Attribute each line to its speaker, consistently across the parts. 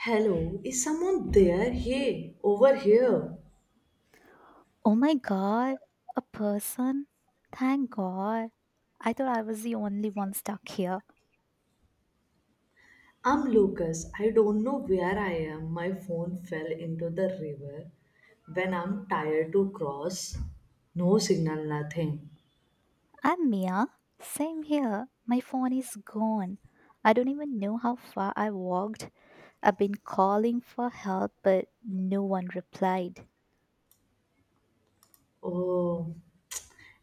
Speaker 1: Hello, is someone there? Hey, over here.
Speaker 2: Oh my god, a person? Thank god. I thought I was the only one stuck here.
Speaker 1: I'm Lucas. I don't know where I am. My phone fell into the river when I'm tired to cross. No signal, nothing.
Speaker 2: I'm Mia. Same here. My phone is gone. I don't even know how far I walked. I've been calling for help, but no one replied.
Speaker 1: Oh,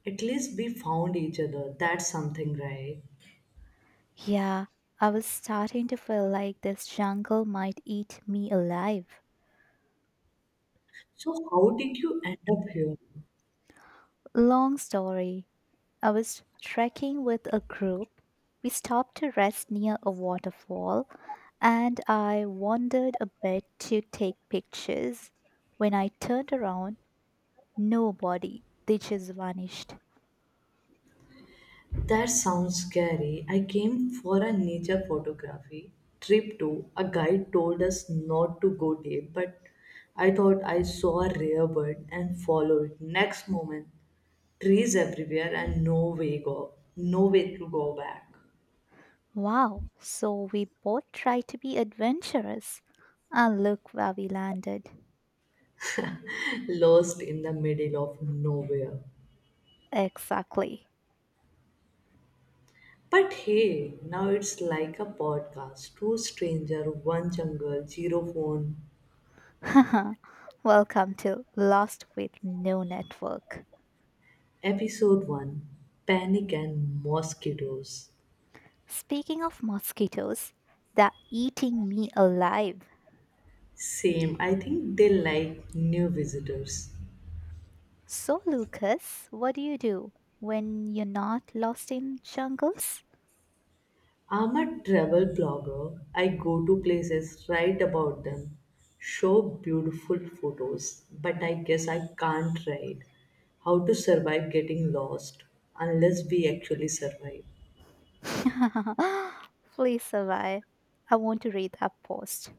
Speaker 1: at least we found each other. That's something, right?
Speaker 2: Yeah, I was starting to feel like this jungle might eat me alive.
Speaker 1: So, how did you end up here?
Speaker 2: Long story. I was trekking with a group. We stopped to rest near a waterfall and I wandered a bit to take pictures. When I turned around, nobody. They just vanished.
Speaker 1: That sounds scary. I came for a nature photography trip too. A guide told us not to go deep, but I thought I saw a rare bird and followed it. Next moment, trees everywhere and no way go, no way to go back.
Speaker 2: Wow, so we both tried to be adventurous. And look where we landed.
Speaker 1: Lost in the middle of nowhere.
Speaker 2: Exactly.
Speaker 1: But hey, now it's like a podcast. Two stranger, one jungle, zero phone.
Speaker 2: Welcome to Lost with No Network.
Speaker 1: Episode one: panic and mosquitoes.
Speaker 2: Speaking of mosquitoes, they're eating me alive.
Speaker 1: Same. I think they like new visitors.
Speaker 2: So, Lucas, what do you do when you're not lost in jungles?
Speaker 1: I'm a travel blogger. I go to places, write about them, show beautiful photos, but I guess I can't write how to survive getting lost unless we actually survive.
Speaker 2: Please survive. I want to read that post.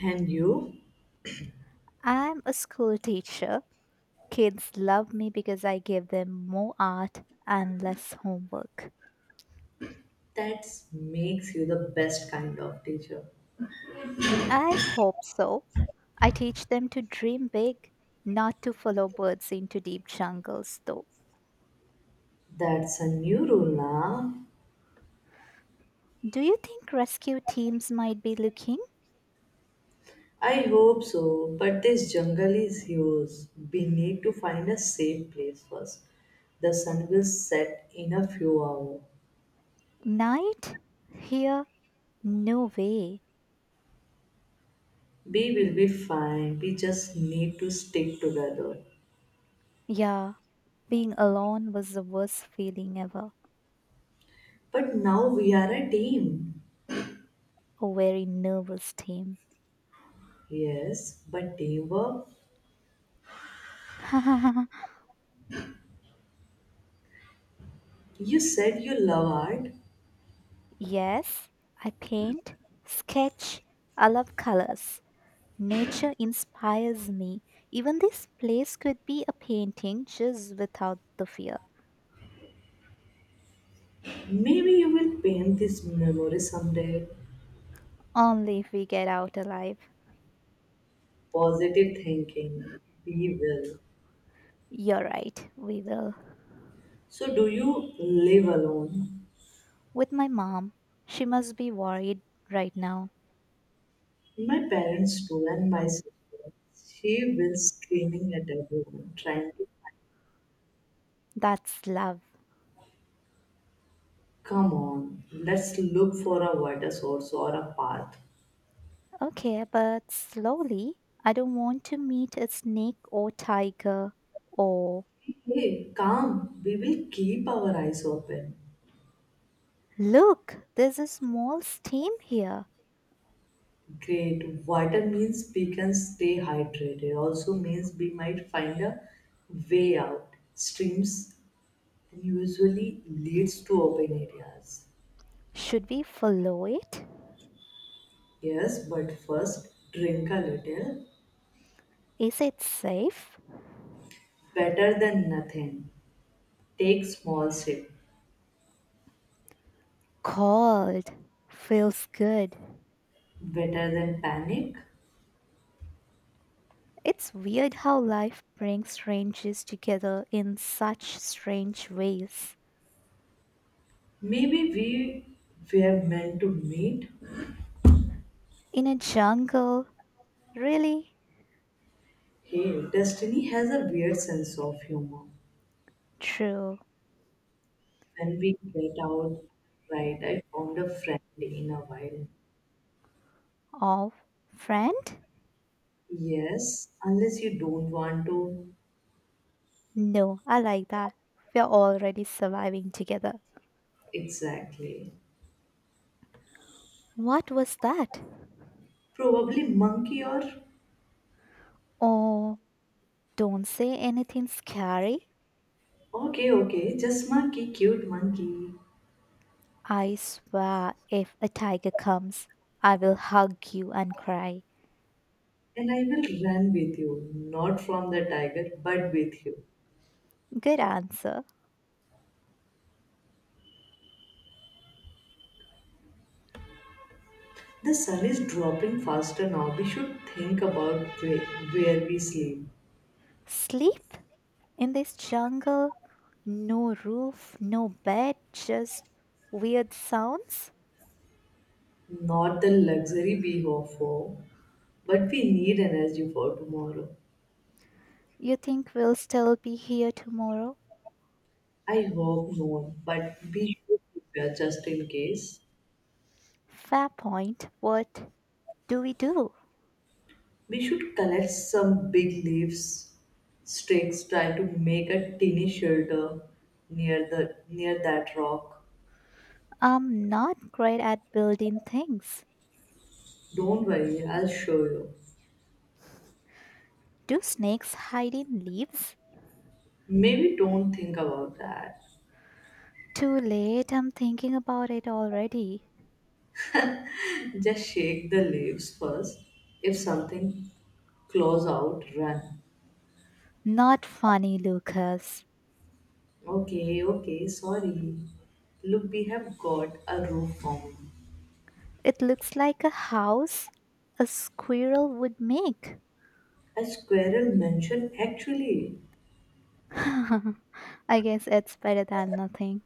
Speaker 1: And you?
Speaker 2: I'm a school teacher. Kids love me because I give them more art and less homework.
Speaker 1: That makes you the best kind of teacher.
Speaker 2: I hope so. I teach them to dream big, not to follow birds into deep jungles, though.
Speaker 1: That's a new rule now.
Speaker 2: Do you think rescue teams might be looking?
Speaker 1: I hope so, but this jungle is yours. We need to find a safe place first. The sun will set in a few hours.
Speaker 2: Night? Here? No way.
Speaker 1: We will be fine. We just need to stick together.
Speaker 2: Yeah, being alone was the worst feeling ever.
Speaker 1: But now we are a team.
Speaker 2: A very nervous team.
Speaker 1: Yes, but teamwork. You said you love art.
Speaker 2: Yes, I paint, sketch, I love colors. Nature inspires me. Even this place could be a painting just without the fear.
Speaker 1: Maybe you will paint this memory someday.
Speaker 2: Only if we get out alive.
Speaker 1: Positive thinking. We will.
Speaker 2: You're right, we will.
Speaker 1: So, do you live alone?
Speaker 2: With my mom, she must be worried right now.
Speaker 1: My parents too, and my sister. She was screaming at everyone, trying to
Speaker 2: That's love.
Speaker 1: come on, let's look for a water source or a path.
Speaker 2: Okay, but slowly. I don't want to meet a snake or tiger or.
Speaker 1: Hey, calm, we will keep our eyes open.
Speaker 2: Look, there's a small stream here.
Speaker 1: Great, water means we can stay hydrated, also means we might find a way out. Streams usually leads to open areas.
Speaker 2: Should we follow it?
Speaker 1: Yes, but first drink a little,
Speaker 2: Is it safe?
Speaker 1: better than nothing. Take small sips.
Speaker 2: Cold. Feels good.
Speaker 1: Better than panic.
Speaker 2: It's weird how life brings strangers together in such strange ways.
Speaker 1: Maybe we were meant to meet.
Speaker 2: In a jungle, really?
Speaker 1: Hey, destiny has a weird sense of humor.
Speaker 2: True.
Speaker 1: When we get out right, I found a friend in a while.
Speaker 2: Of friend?
Speaker 1: Yes, unless you don't want to.
Speaker 2: No, I like that. We're already surviving together.
Speaker 1: Exactly.
Speaker 2: What was that?
Speaker 1: Probably monkey or
Speaker 2: Oh, don't say anything scary.
Speaker 1: okay, okay, just monkey, cute monkey.
Speaker 2: I swear, if a tiger comes, I will hug you and cry.
Speaker 1: And I will run with you, not from the tiger, but with you.
Speaker 2: Good answer.
Speaker 1: The sun is dropping faster now. We should think about where we sleep.
Speaker 2: Sleep in this jungle? No roof, no bed, just weird sounds?
Speaker 1: Not the luxury we hope for, but we need energy for tomorrow.
Speaker 2: You think we'll still be here tomorrow?
Speaker 1: I hope not, but we should prepare just in case.
Speaker 2: Fair point. What do we do?
Speaker 1: We should collect some big leaves, sticks, try to make a tiny shelter near that rock.
Speaker 2: I'm not great at building things.
Speaker 1: Don't worry, I'll show you.
Speaker 2: Do snakes hide in leaves?
Speaker 1: Maybe don't think about that.
Speaker 2: Too late, I'm thinking about it already.
Speaker 1: Just shake the leaves first. If something claws out, run.
Speaker 2: Not funny, Lucas.
Speaker 1: Okay, okay, sorry. Look, we have got a roof form.
Speaker 2: It looks like a house a squirrel would make.
Speaker 1: A squirrel mentioned actually.
Speaker 2: I guess it's better than nothing.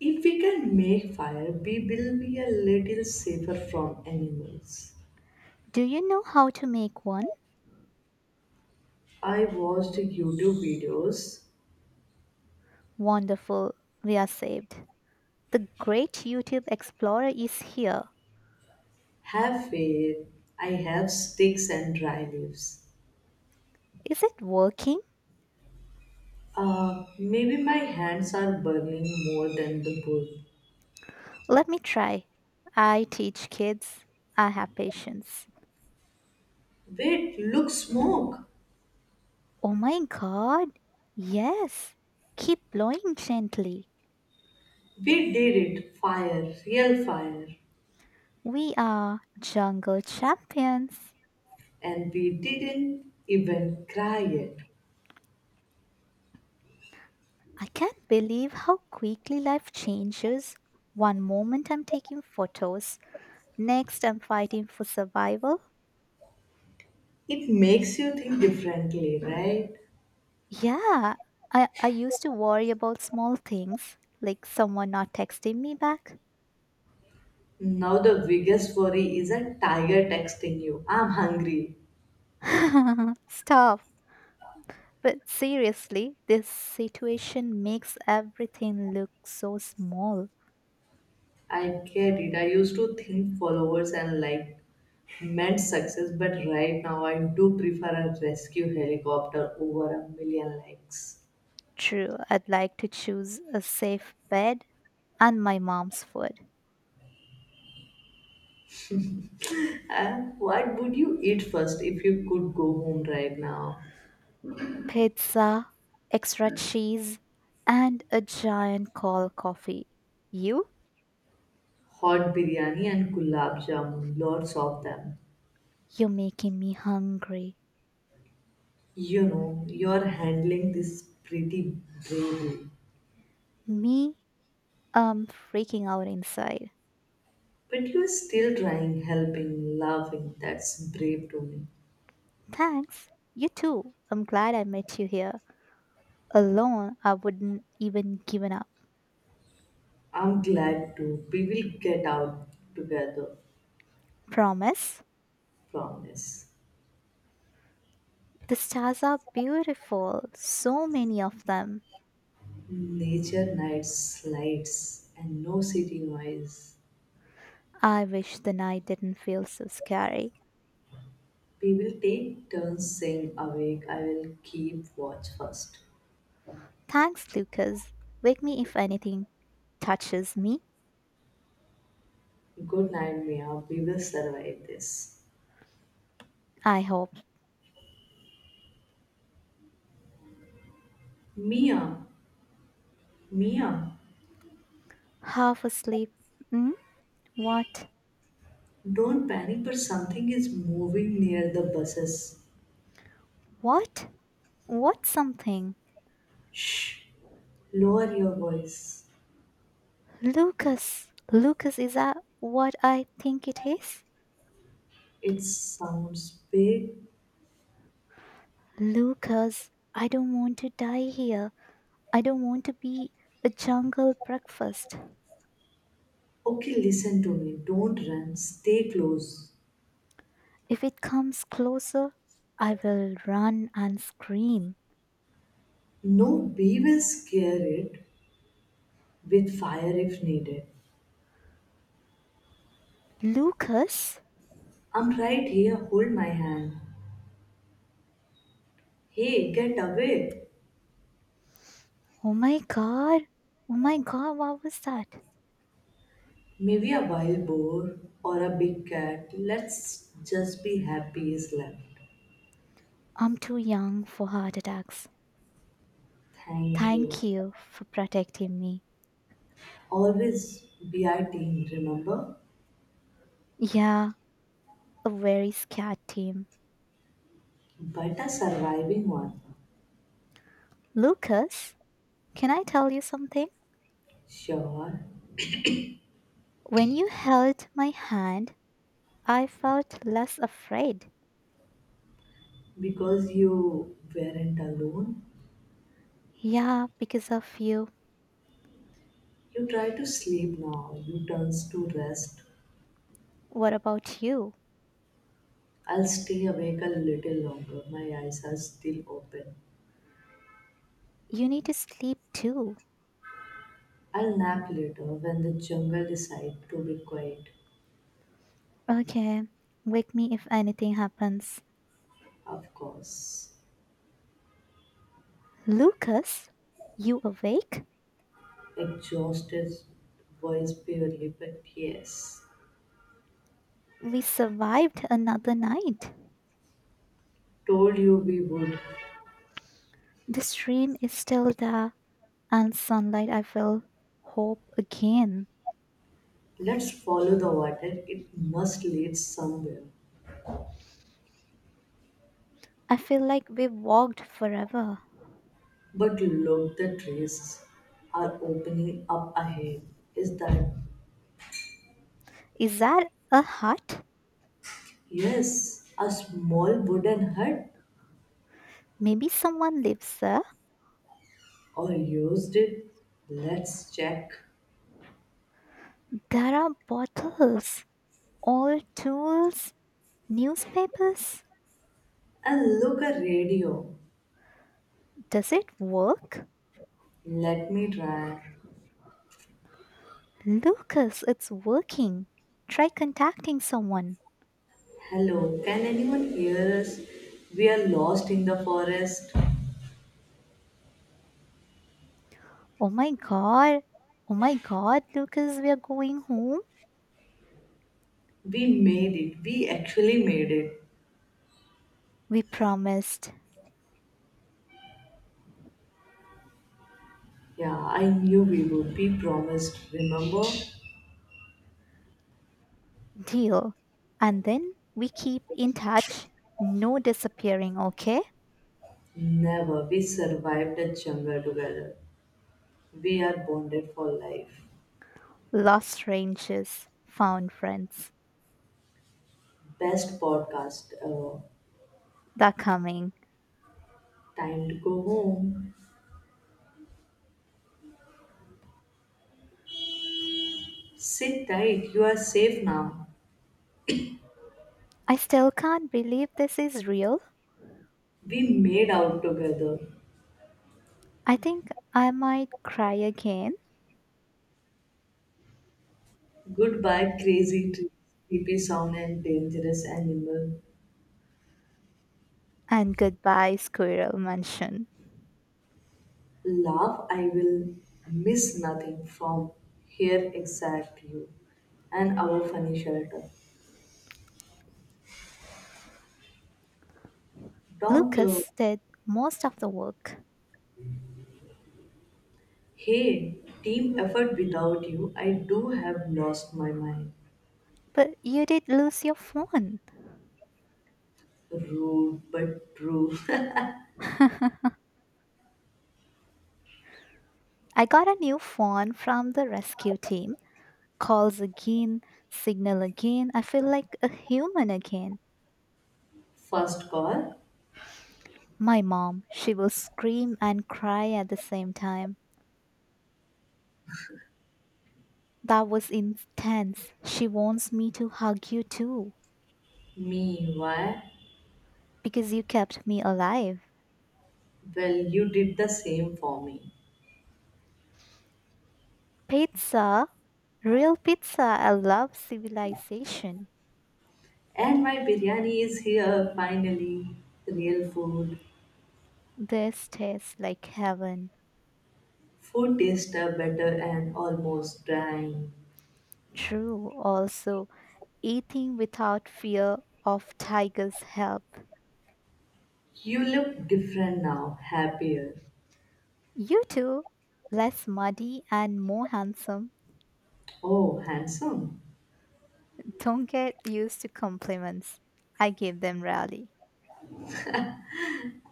Speaker 1: If we can make fire, we will be a little safer from animals.
Speaker 2: Do you know how to make one?
Speaker 1: I watched YouTube videos.
Speaker 2: Wonderful, we are saved. The great YouTube Explorer is here.
Speaker 1: Have faith. I have sticks and dry leaves.
Speaker 2: Is it working?
Speaker 1: Maybe my hands are burning more than the wood.
Speaker 2: Let me try. I teach kids. I have patience.
Speaker 1: Wait, look, smoke.
Speaker 2: Oh my god. Yes. Keep blowing gently.
Speaker 1: We did it. Fire, real fire.
Speaker 2: We are jungle champions.
Speaker 1: And we didn't even cry yet.
Speaker 2: I can't believe how quickly life changes. One moment I'm taking photos, next I'm fighting for survival.
Speaker 1: It makes you think differently, right?
Speaker 2: Yeah, I used to worry about small things, like someone not texting me back.
Speaker 1: Now the biggest worry is a tiger texting you. I'm hungry.
Speaker 2: Stop. But seriously, this situation makes everything look so small.
Speaker 1: I get it. I used to think followers and like meant success, but right now I do prefer a rescue helicopter over a million likes.
Speaker 2: True, I'd like to choose a safe bed and my mom's food,
Speaker 1: And what would you eat first if you could go home right now?
Speaker 2: pizza, extra cheese, and a giant cold coffee. You?
Speaker 1: Hot biryani and gulab jamun, lots of them.
Speaker 2: You're making me hungry.
Speaker 1: You know, you're handling this pretty bravely.
Speaker 2: Me? I'm freaking out inside.
Speaker 1: But you're still trying, helping, laughing. That's brave to me.
Speaker 2: Thanks. You too. I'm glad I met you here. Alone, I wouldn't even given up.
Speaker 1: I'm glad too. We will get out together,
Speaker 2: Promise?
Speaker 1: promise.
Speaker 2: The stars are beautiful. So many of them.
Speaker 1: Nature nights, lights, and no city noise.
Speaker 2: I wish the night didn't feel so scary.
Speaker 1: We will take turns staying awake. I will keep watch first.
Speaker 2: Thanks, Lucas. Wake me if anything touches me.
Speaker 1: Good night, Mia. We will survive this.
Speaker 2: I hope.
Speaker 1: Mia, Mia,
Speaker 2: Half asleep. Hmm? What?
Speaker 1: don't panic, but something is moving near the buses.
Speaker 2: What? What something?
Speaker 1: Shh, lower your voice.
Speaker 2: Lucas. Lucas, is that what I think it is?
Speaker 1: It sounds big.
Speaker 2: Lucas, I don't want to die here. I don't want to be a jungle breakfast.
Speaker 1: Okay, listen to me. Don't run. Stay close.
Speaker 2: If it comes closer, I will run and scream.
Speaker 1: No bee will scare it with fire if needed.
Speaker 2: Lucas?
Speaker 1: I'm right here. Hold my hand. Hey, get away.
Speaker 2: Oh my god. Oh my god, what was that?
Speaker 1: Maybe a wild boar or a big cat. Let's just be happy is left.
Speaker 2: I'm too young for heart attacks.
Speaker 1: Thank you.
Speaker 2: Thank you for protecting me.
Speaker 1: Always be our team, remember?
Speaker 2: Yeah, a very scared team.
Speaker 1: But a surviving one.
Speaker 2: Lucas, can I tell you something?
Speaker 1: Sure,
Speaker 2: When you held my hand, I felt less afraid.
Speaker 1: because you weren't alone.
Speaker 2: Yeah, because of you.
Speaker 1: You try to sleep now, you turns to rest.
Speaker 2: What about you?
Speaker 1: I'll stay awake a little longer, my eyes are still open.
Speaker 2: You need to sleep too.
Speaker 1: I'll nap later when the jungle decide to be quiet,
Speaker 2: Okay, wake me if anything happens.
Speaker 1: of course.
Speaker 2: Lucas, you awake?
Speaker 1: Exhausted voice barely, but yes.
Speaker 2: We survived another night.
Speaker 1: Told you we would.
Speaker 2: The stream is still there, and sunlight, I feel hope again.
Speaker 1: Let's follow the water, it must lead somewhere.
Speaker 2: I feel like we've walked forever.
Speaker 1: But look, the trees are opening up ahead. Is that,
Speaker 2: Is that a hut?
Speaker 1: yes, a small wooden hut
Speaker 2: Maybe someone lives there.
Speaker 1: or used it? Let's check.
Speaker 2: There are bottles, old tools, newspapers.
Speaker 1: And look, a radio.
Speaker 2: Does it work?
Speaker 1: Let me try.
Speaker 2: Lucas, it's working. Try contacting someone.
Speaker 1: Hello, can anyone hear us? We are lost in the forest.
Speaker 2: Oh my god. Oh my god, Lucas, we are going home.
Speaker 1: We made it. We actually made it.
Speaker 2: We promised.
Speaker 1: Yeah, I knew we would. We promised, remember?
Speaker 2: Deal. And then we keep in touch. No disappearing, okay?
Speaker 1: Never. We survived the jungle together. We are bonded for life.
Speaker 2: Lost ranges, found friends.
Speaker 1: Best podcast.
Speaker 2: They're coming.
Speaker 1: Time to go home. Sit tight. You are safe now.
Speaker 2: I still can't believe this is real.
Speaker 1: We made out together.
Speaker 2: I think I might cry again.
Speaker 1: Goodbye, crazy tree, creepy sound, and dangerous animal.
Speaker 2: And goodbye, Squirrel Mansion.
Speaker 1: Laugh, I will miss nothing from here except you and our funny shelter. Doctor,
Speaker 2: Lucas did most of the work.
Speaker 1: hey, team effort without you, I do have lost my mind.
Speaker 2: But you did lose your phone.
Speaker 1: Rude but true.
Speaker 2: I got a new phone from the rescue team. Calls again, signal again. I feel like a human again.
Speaker 1: First call,
Speaker 2: My mom, she will scream and cry at the same time. That was intense. She wants me to hug you too
Speaker 1: me, why?
Speaker 2: because you kept me alive.
Speaker 1: Well, you did the same for me.
Speaker 2: Pizza, real pizza. I love civilization.
Speaker 1: And my biryani is here finally. Real food.
Speaker 2: This tastes like heaven.
Speaker 1: Food tastes better and almost dying.
Speaker 2: True, also eating without fear of tiger's help.
Speaker 1: You look different now, happier.
Speaker 2: You too, less muddy and more handsome,
Speaker 1: Oh, handsome.
Speaker 2: don't get used to compliments. I give them rarely.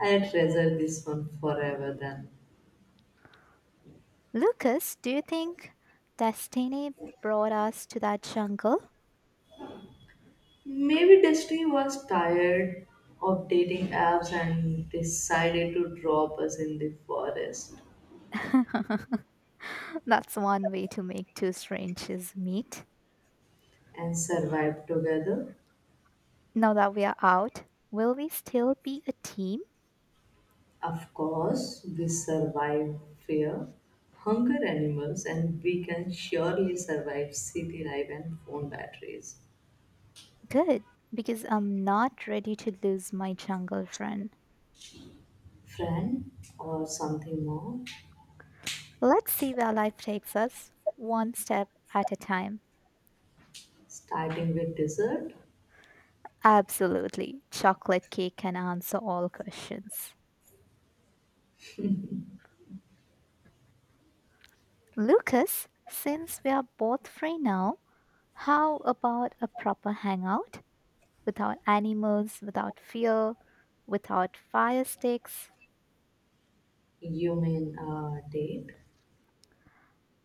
Speaker 1: I treasure this one forever then.
Speaker 2: Lucas, do you think destiny brought us to that jungle?
Speaker 1: Maybe destiny was tired of dating apps and decided to drop us in the forest
Speaker 2: That's one way to make two strangers meet.
Speaker 1: and survive together.
Speaker 2: Now that we are out, will we still be a team?
Speaker 1: Of course, we survive fear, hunger animals, and we can surely survive city life and phone batteries.
Speaker 2: Good, because I'm not ready to lose my jungle friend.
Speaker 1: Friend, or something more,
Speaker 2: Let's see where life takes us, one step at a time.
Speaker 1: starting with dessert.
Speaker 2: Absolutely, chocolate cake can answer all questions. Lucas, since we are both free now, how about a proper hangout? Without animals, without fear, without fire sticks.
Speaker 1: You mean a date?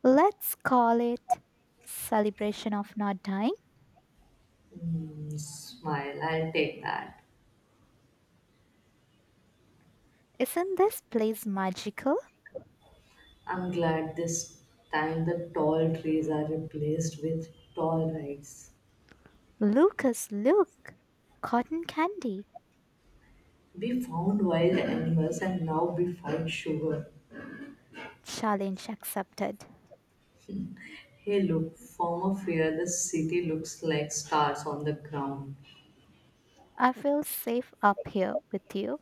Speaker 2: Let's call it Celebration of Not Dying.
Speaker 1: Mm, smile, I'll take that.
Speaker 2: Isn't this place magical?
Speaker 1: I'm glad this time the tall trees are replaced with tall rice.
Speaker 2: Lucas, look! Cotton candy.
Speaker 1: We found wild animals and now we fight sugar.
Speaker 2: Challenge accepted.
Speaker 1: Hey, look, from up here, the city looks like stars on the ground.
Speaker 2: I feel safe up here with you.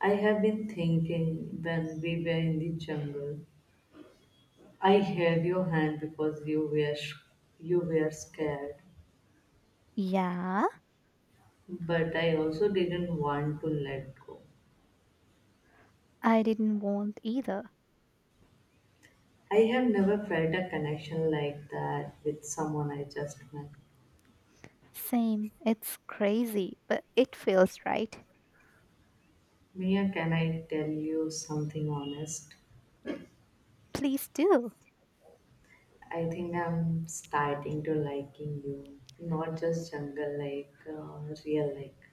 Speaker 1: I have been thinking when we were in the jungle, I held your hand because you were scared,
Speaker 2: Yeah,
Speaker 1: but I also didn't want to let go.
Speaker 2: I didn't want either.
Speaker 1: I have never felt a connection like that with someone I just met.
Speaker 2: Same, it's crazy, but it feels right.
Speaker 1: Mia, can I tell you something honest?
Speaker 2: Please do.
Speaker 1: I think I'm starting to liking you, not just jungle like, real like.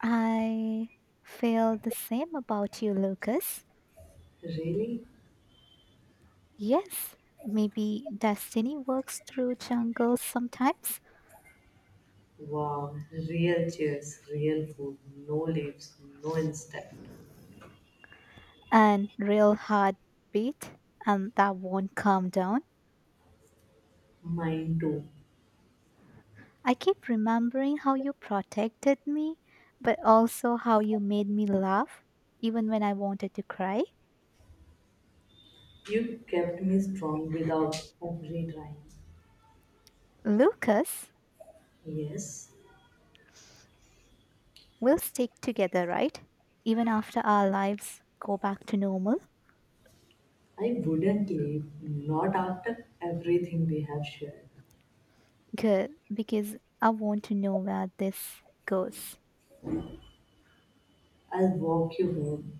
Speaker 2: I feel the same about you, Lucas.
Speaker 1: Really?
Speaker 2: Yes, maybe destiny works through jungles sometimes
Speaker 1: Wow, real chairs, real food, no leaves, no insect.
Speaker 2: and real heartbeat, and that won't calm down.
Speaker 1: Mine too.
Speaker 2: I keep remembering how you protected me, but also how you made me laugh, even when I wanted to cry.
Speaker 1: You kept me strong without every trying.
Speaker 2: Lucas,
Speaker 1: Yes,
Speaker 2: we'll stick together, right? Even after our lives go back to normal?
Speaker 1: I wouldn't leave, not after everything we have shared.
Speaker 2: Good, because I want to know where this goes.
Speaker 1: I'll walk you home.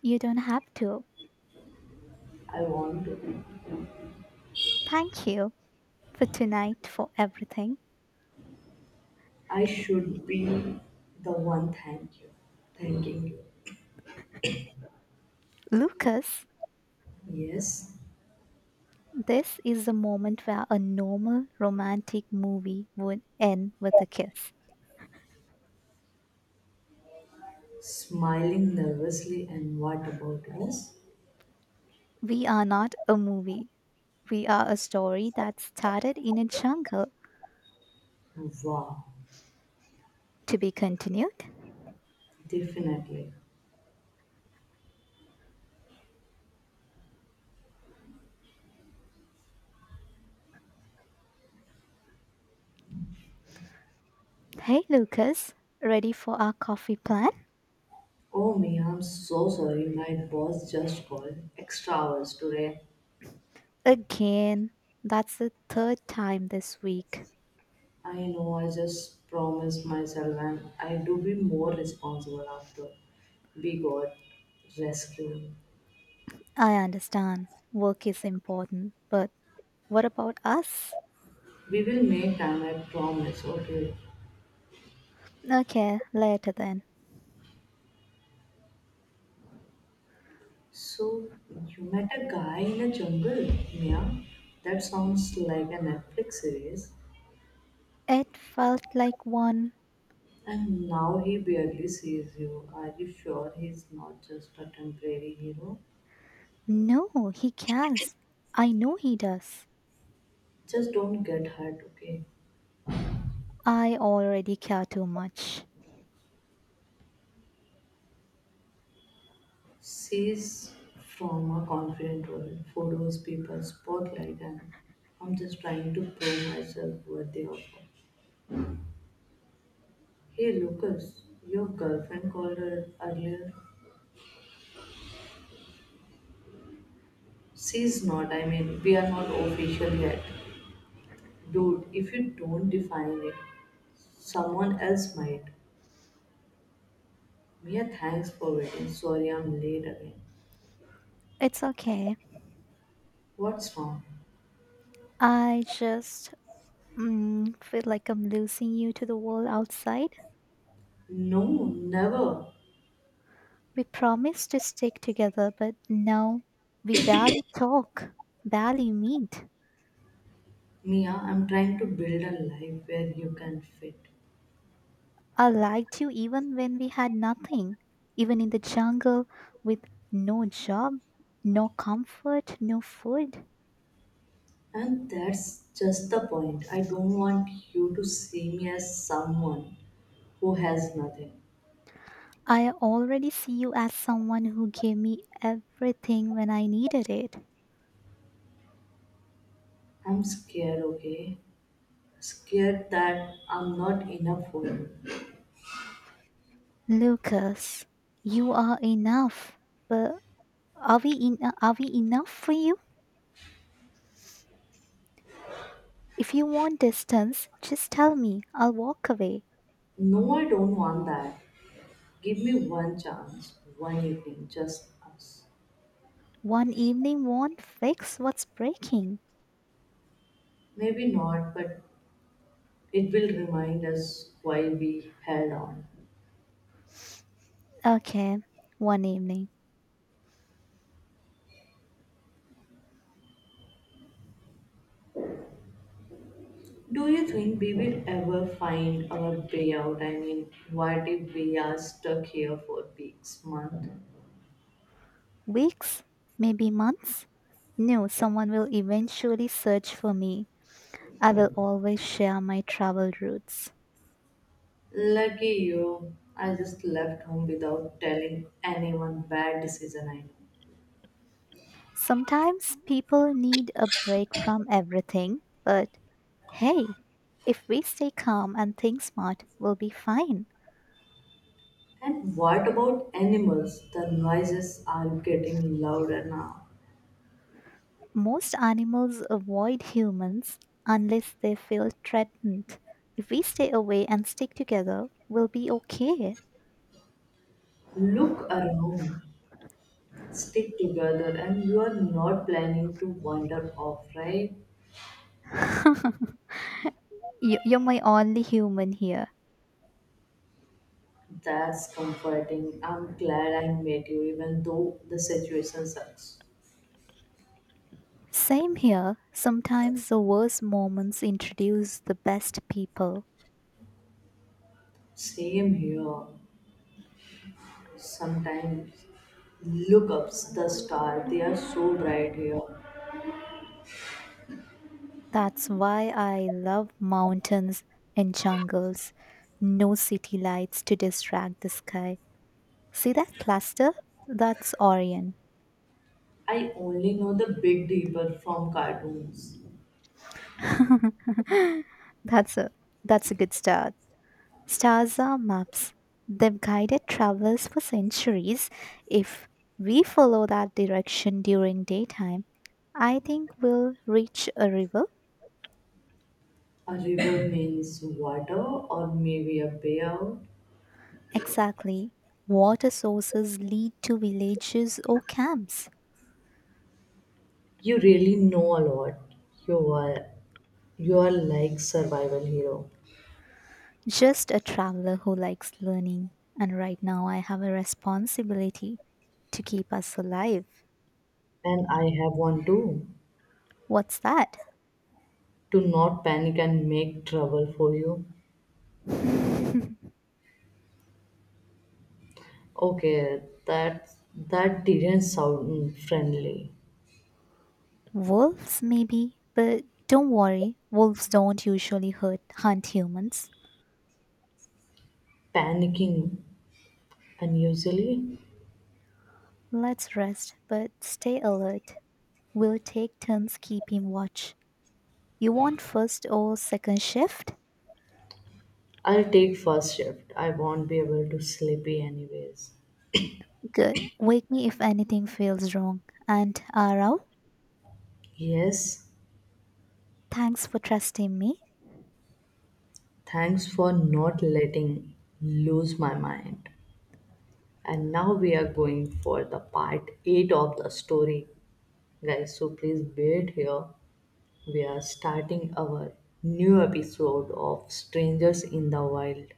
Speaker 2: You don't have to.
Speaker 1: I want to.
Speaker 2: Thank you for tonight, for everything.
Speaker 1: I should be the one thank you. Thanking you.
Speaker 2: Lucas,
Speaker 1: Yes,
Speaker 2: this is the moment where a normal romantic movie would end with a kiss.
Speaker 1: smiling nervously, and what about us?
Speaker 2: We are not a movie. We are a story that started in a jungle
Speaker 1: Wow,
Speaker 2: to be continued.
Speaker 1: definitely.
Speaker 2: Hey, Lucas, ready for our coffee plan?
Speaker 1: Oh me, I'm so sorry. My boss just called extra hours today.
Speaker 2: Again, that's the third time this week.
Speaker 1: I know I just promised myself and I do be more responsible after we got rescued.
Speaker 2: I understand work is important, but what about us?
Speaker 1: We will make time, I promise, okay?
Speaker 2: Okay, later then.
Speaker 1: So you met a guy in a jungle, Mia? That sounds like a Netflix series.
Speaker 2: It felt like one.
Speaker 1: And now he barely sees you. Are you sure he's not just a temporary hero?
Speaker 2: No, he cares. I know he does.
Speaker 1: Just don't get hurt, okay?
Speaker 2: I already care too much.
Speaker 1: She's from a confident role, photos, people, spotlight, and I'm just trying to prove myself worthy of her. Hey Lucas, your girlfriend called her earlier. She's not, I mean, we are not official yet. Dude, if you don't define it, someone else might. Mia, thanks for waiting. Sorry I'm late again.
Speaker 2: It's okay.
Speaker 1: What's wrong?
Speaker 2: I just feel like I'm losing you to the world outside.
Speaker 1: No, never.
Speaker 2: We promised to stick together, but now we barely talk, barely meet.
Speaker 1: Mia, I'm trying to build a life where you can fit.
Speaker 2: I liked you even when we had nothing, even in the jungle with no job, no comfort, no food.
Speaker 1: And that's just the point. I don't want you to see me as someone who has nothing.
Speaker 2: I already see you as someone who gave me everything when I needed it.
Speaker 1: I'm scared, okay? Scared that I'm not enough for you.
Speaker 2: Lucas, you are enough. But are we in, are we enough for you? If you want distance, just tell me. I'll walk away.
Speaker 1: No, I don't want that. Give me one chance, one evening, just us.
Speaker 2: One evening won't fix what's breaking.
Speaker 1: Maybe not, but it will remind us why we held on.
Speaker 2: Okay, one evening.
Speaker 1: Do you think we will ever find our way out? I mean, what if we are stuck here for weeks, months?
Speaker 2: Weeks, maybe months? No, someone will eventually search for me. I will always share my travel routes.
Speaker 1: Lucky you, I just left home without telling anyone bad decision I know.
Speaker 2: Sometimes people need a break from everything, but hey, if we stay calm and think smart, we'll be fine.
Speaker 1: And what about animals? The noises are getting louder now.
Speaker 2: Most animals avoid humans unless they feel threatened. If we stay away and stick together, we'll be okay.
Speaker 1: Look around, stick together, and you are not planning to wander off, right?
Speaker 2: You're my only human here.
Speaker 1: That's comforting. I'm glad I met you, even though the situation sucks.
Speaker 2: Same here. Sometimes the worst moments introduce the best people.
Speaker 1: Same here. Sometimes look up the star, they are so bright here.
Speaker 2: That's why I love mountains and jungles. No city lights to distract the sky. See that cluster? That's Orion.
Speaker 1: I only know the big deeper from cartoons.
Speaker 2: that's a that's a good start. Stars are maps. They've guided travelers for centuries. If we follow that direction during daytime, I think we'll reach a river.
Speaker 1: A river means water or maybe a payout.
Speaker 2: Exactly. Water sources lead to villages or camps.
Speaker 1: You really know a lot. You are you are like survival hero.
Speaker 2: Just a traveler who likes learning. And right now, I have a responsibility to keep us alive.
Speaker 1: And I have one too.
Speaker 2: What's that?
Speaker 1: To not panic and make trouble for you. Okay, that didn't sound friendly.
Speaker 2: Wolves, maybe? But don't worry, wolves don't usually hunt humans.
Speaker 1: Panicking unusually.
Speaker 2: Let's rest, but stay alert. We'll take turns keeping watch. You want first or second shift?
Speaker 1: I'll take first shift. I won't be able to sleepy anyways.
Speaker 2: Good. Wake me if anything feels wrong. And Arau?
Speaker 1: Yes,
Speaker 2: Thanks for trusting me.
Speaker 1: thanks for not letting lose my mind. And now we are going for the part 8 of the story. Guys, so please wait here. We are starting our new episode of Strangers in the Wild.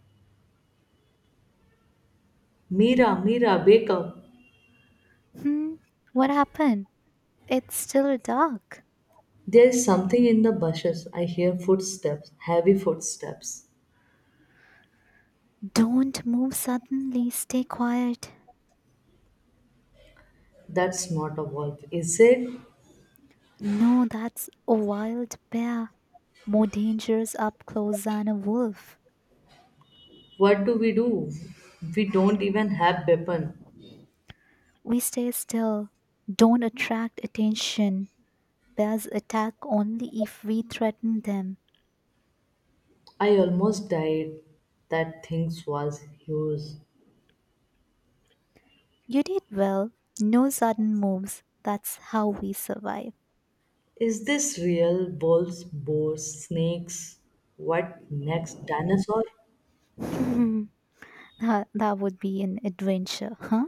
Speaker 1: Mira, Mira, wake up.
Speaker 2: Hmm, what happened? It's still dark.
Speaker 1: There is something in the bushes. I hear footsteps, heavy footsteps.
Speaker 2: Don't move suddenly, stay quiet.
Speaker 1: That's not a wolf, is it?
Speaker 2: No, that's a wild bear. More dangerous up close than a wolf.
Speaker 1: What do? We don't even have weapon.
Speaker 2: We stay still. Don't attract attention. Bears attack only if we threaten them.
Speaker 1: I almost died. That thing was huge.
Speaker 2: You did well. No sudden moves. That's how we survive.
Speaker 1: Is this real? Bulls, boars, snakes? What next? Dinosaur?
Speaker 2: that, that would be an adventure, huh?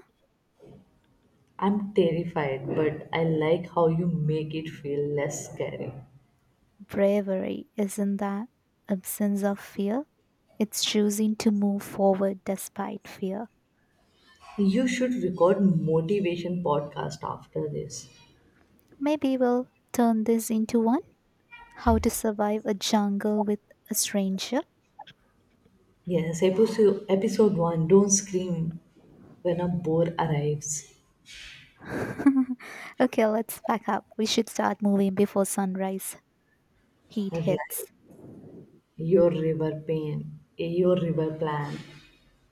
Speaker 1: I'm terrified, but I like how you make it feel less scary.
Speaker 2: Bravery isn't the absence of fear, it's choosing to move forward despite fear.
Speaker 1: You should record motivation podcast after this.
Speaker 2: Maybe we'll turn this into one: How to Survive a Jungle with a Stranger.
Speaker 1: Yes, episode one. Don't scream when a boar arrives.
Speaker 2: Okay, let's pack up. We should start moving before sunrise. Heat
Speaker 1: Right.
Speaker 2: hits.
Speaker 1: Your river pain. Your river plan.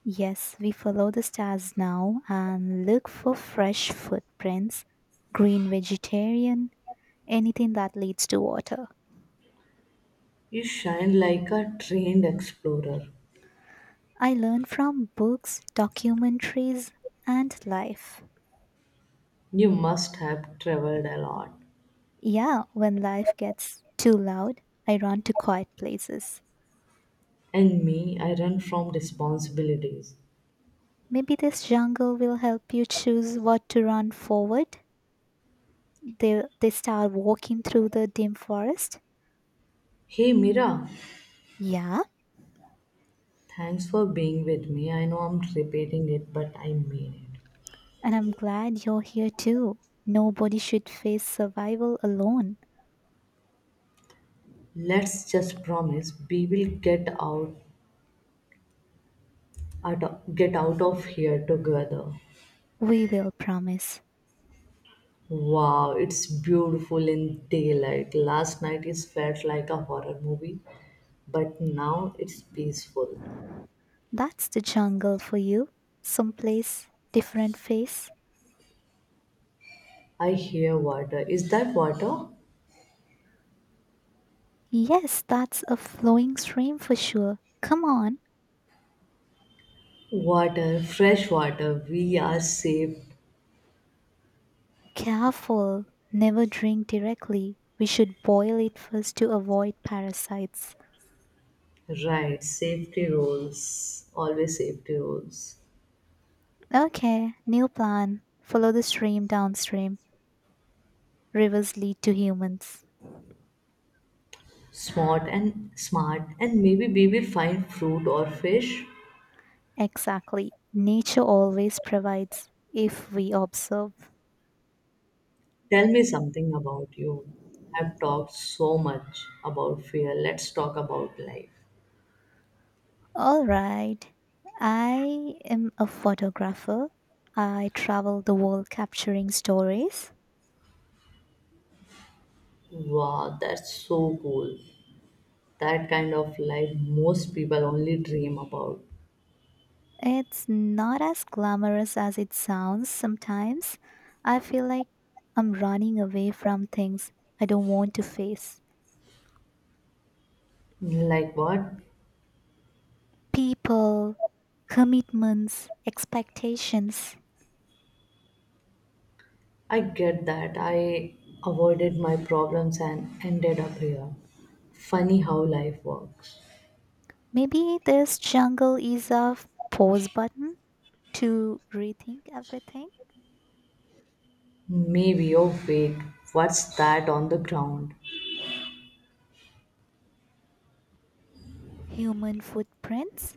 Speaker 2: Yes, we follow the stars now and look for fresh footprints, green vegetarian, anything that leads to water.
Speaker 1: You shine like a trained explorer.
Speaker 2: I learn from books, documentaries, and life.
Speaker 1: You must have traveled a lot.
Speaker 2: Yeah, when life gets too loud, I run to quiet places.
Speaker 1: And me, I run from responsibilities.
Speaker 2: Maybe this jungle will help you choose what to run forward. They start walking through the dim forest.
Speaker 1: Hey, Mira,
Speaker 2: Yeah,
Speaker 1: thanks for being with me. I know I'm repeating it, but I mean it.
Speaker 2: and I'm glad you're here too. Nobody should face survival alone.
Speaker 1: Let's just promise we will get out, get out of here together.
Speaker 2: We will promise.
Speaker 1: Wow, it's beautiful in daylight. Last night it felt like a horror movie, but now it's peaceful.
Speaker 2: That's the jungle for you. Someplace different face.
Speaker 1: I hear water. Is that water?
Speaker 2: Yes, that's a flowing stream for sure. Come on,
Speaker 1: Water, fresh water, we are safe,
Speaker 2: careful. Never drink directly. We should boil it first to avoid parasites.
Speaker 1: right? Safety rules, always safety rules.
Speaker 2: Okay, new plan. Follow the stream downstream. Rivers lead to humans.
Speaker 1: Smart and smart, and maybe we will find fruit or fish.
Speaker 2: Exactly. Nature always provides if we observe.
Speaker 1: Tell me something about you. I've talked so much about fear. Let's talk about life.
Speaker 2: All right. I am a photographer. I travel the world capturing stories.
Speaker 1: Wow, that's so cool. That kind of life most people only dream about.
Speaker 2: It's not as glamorous as it sounds sometimes. I feel like I'm running away from things I don't want to face:
Speaker 1: Like what?
Speaker 2: people, commitments, expectations.
Speaker 1: I get that. I avoided my problems and ended up here. Funny how life works.
Speaker 2: Maybe this jungle is a pause button to rethink everything.
Speaker 1: Maybe, oh wait, what's that on the ground?
Speaker 2: Human footprints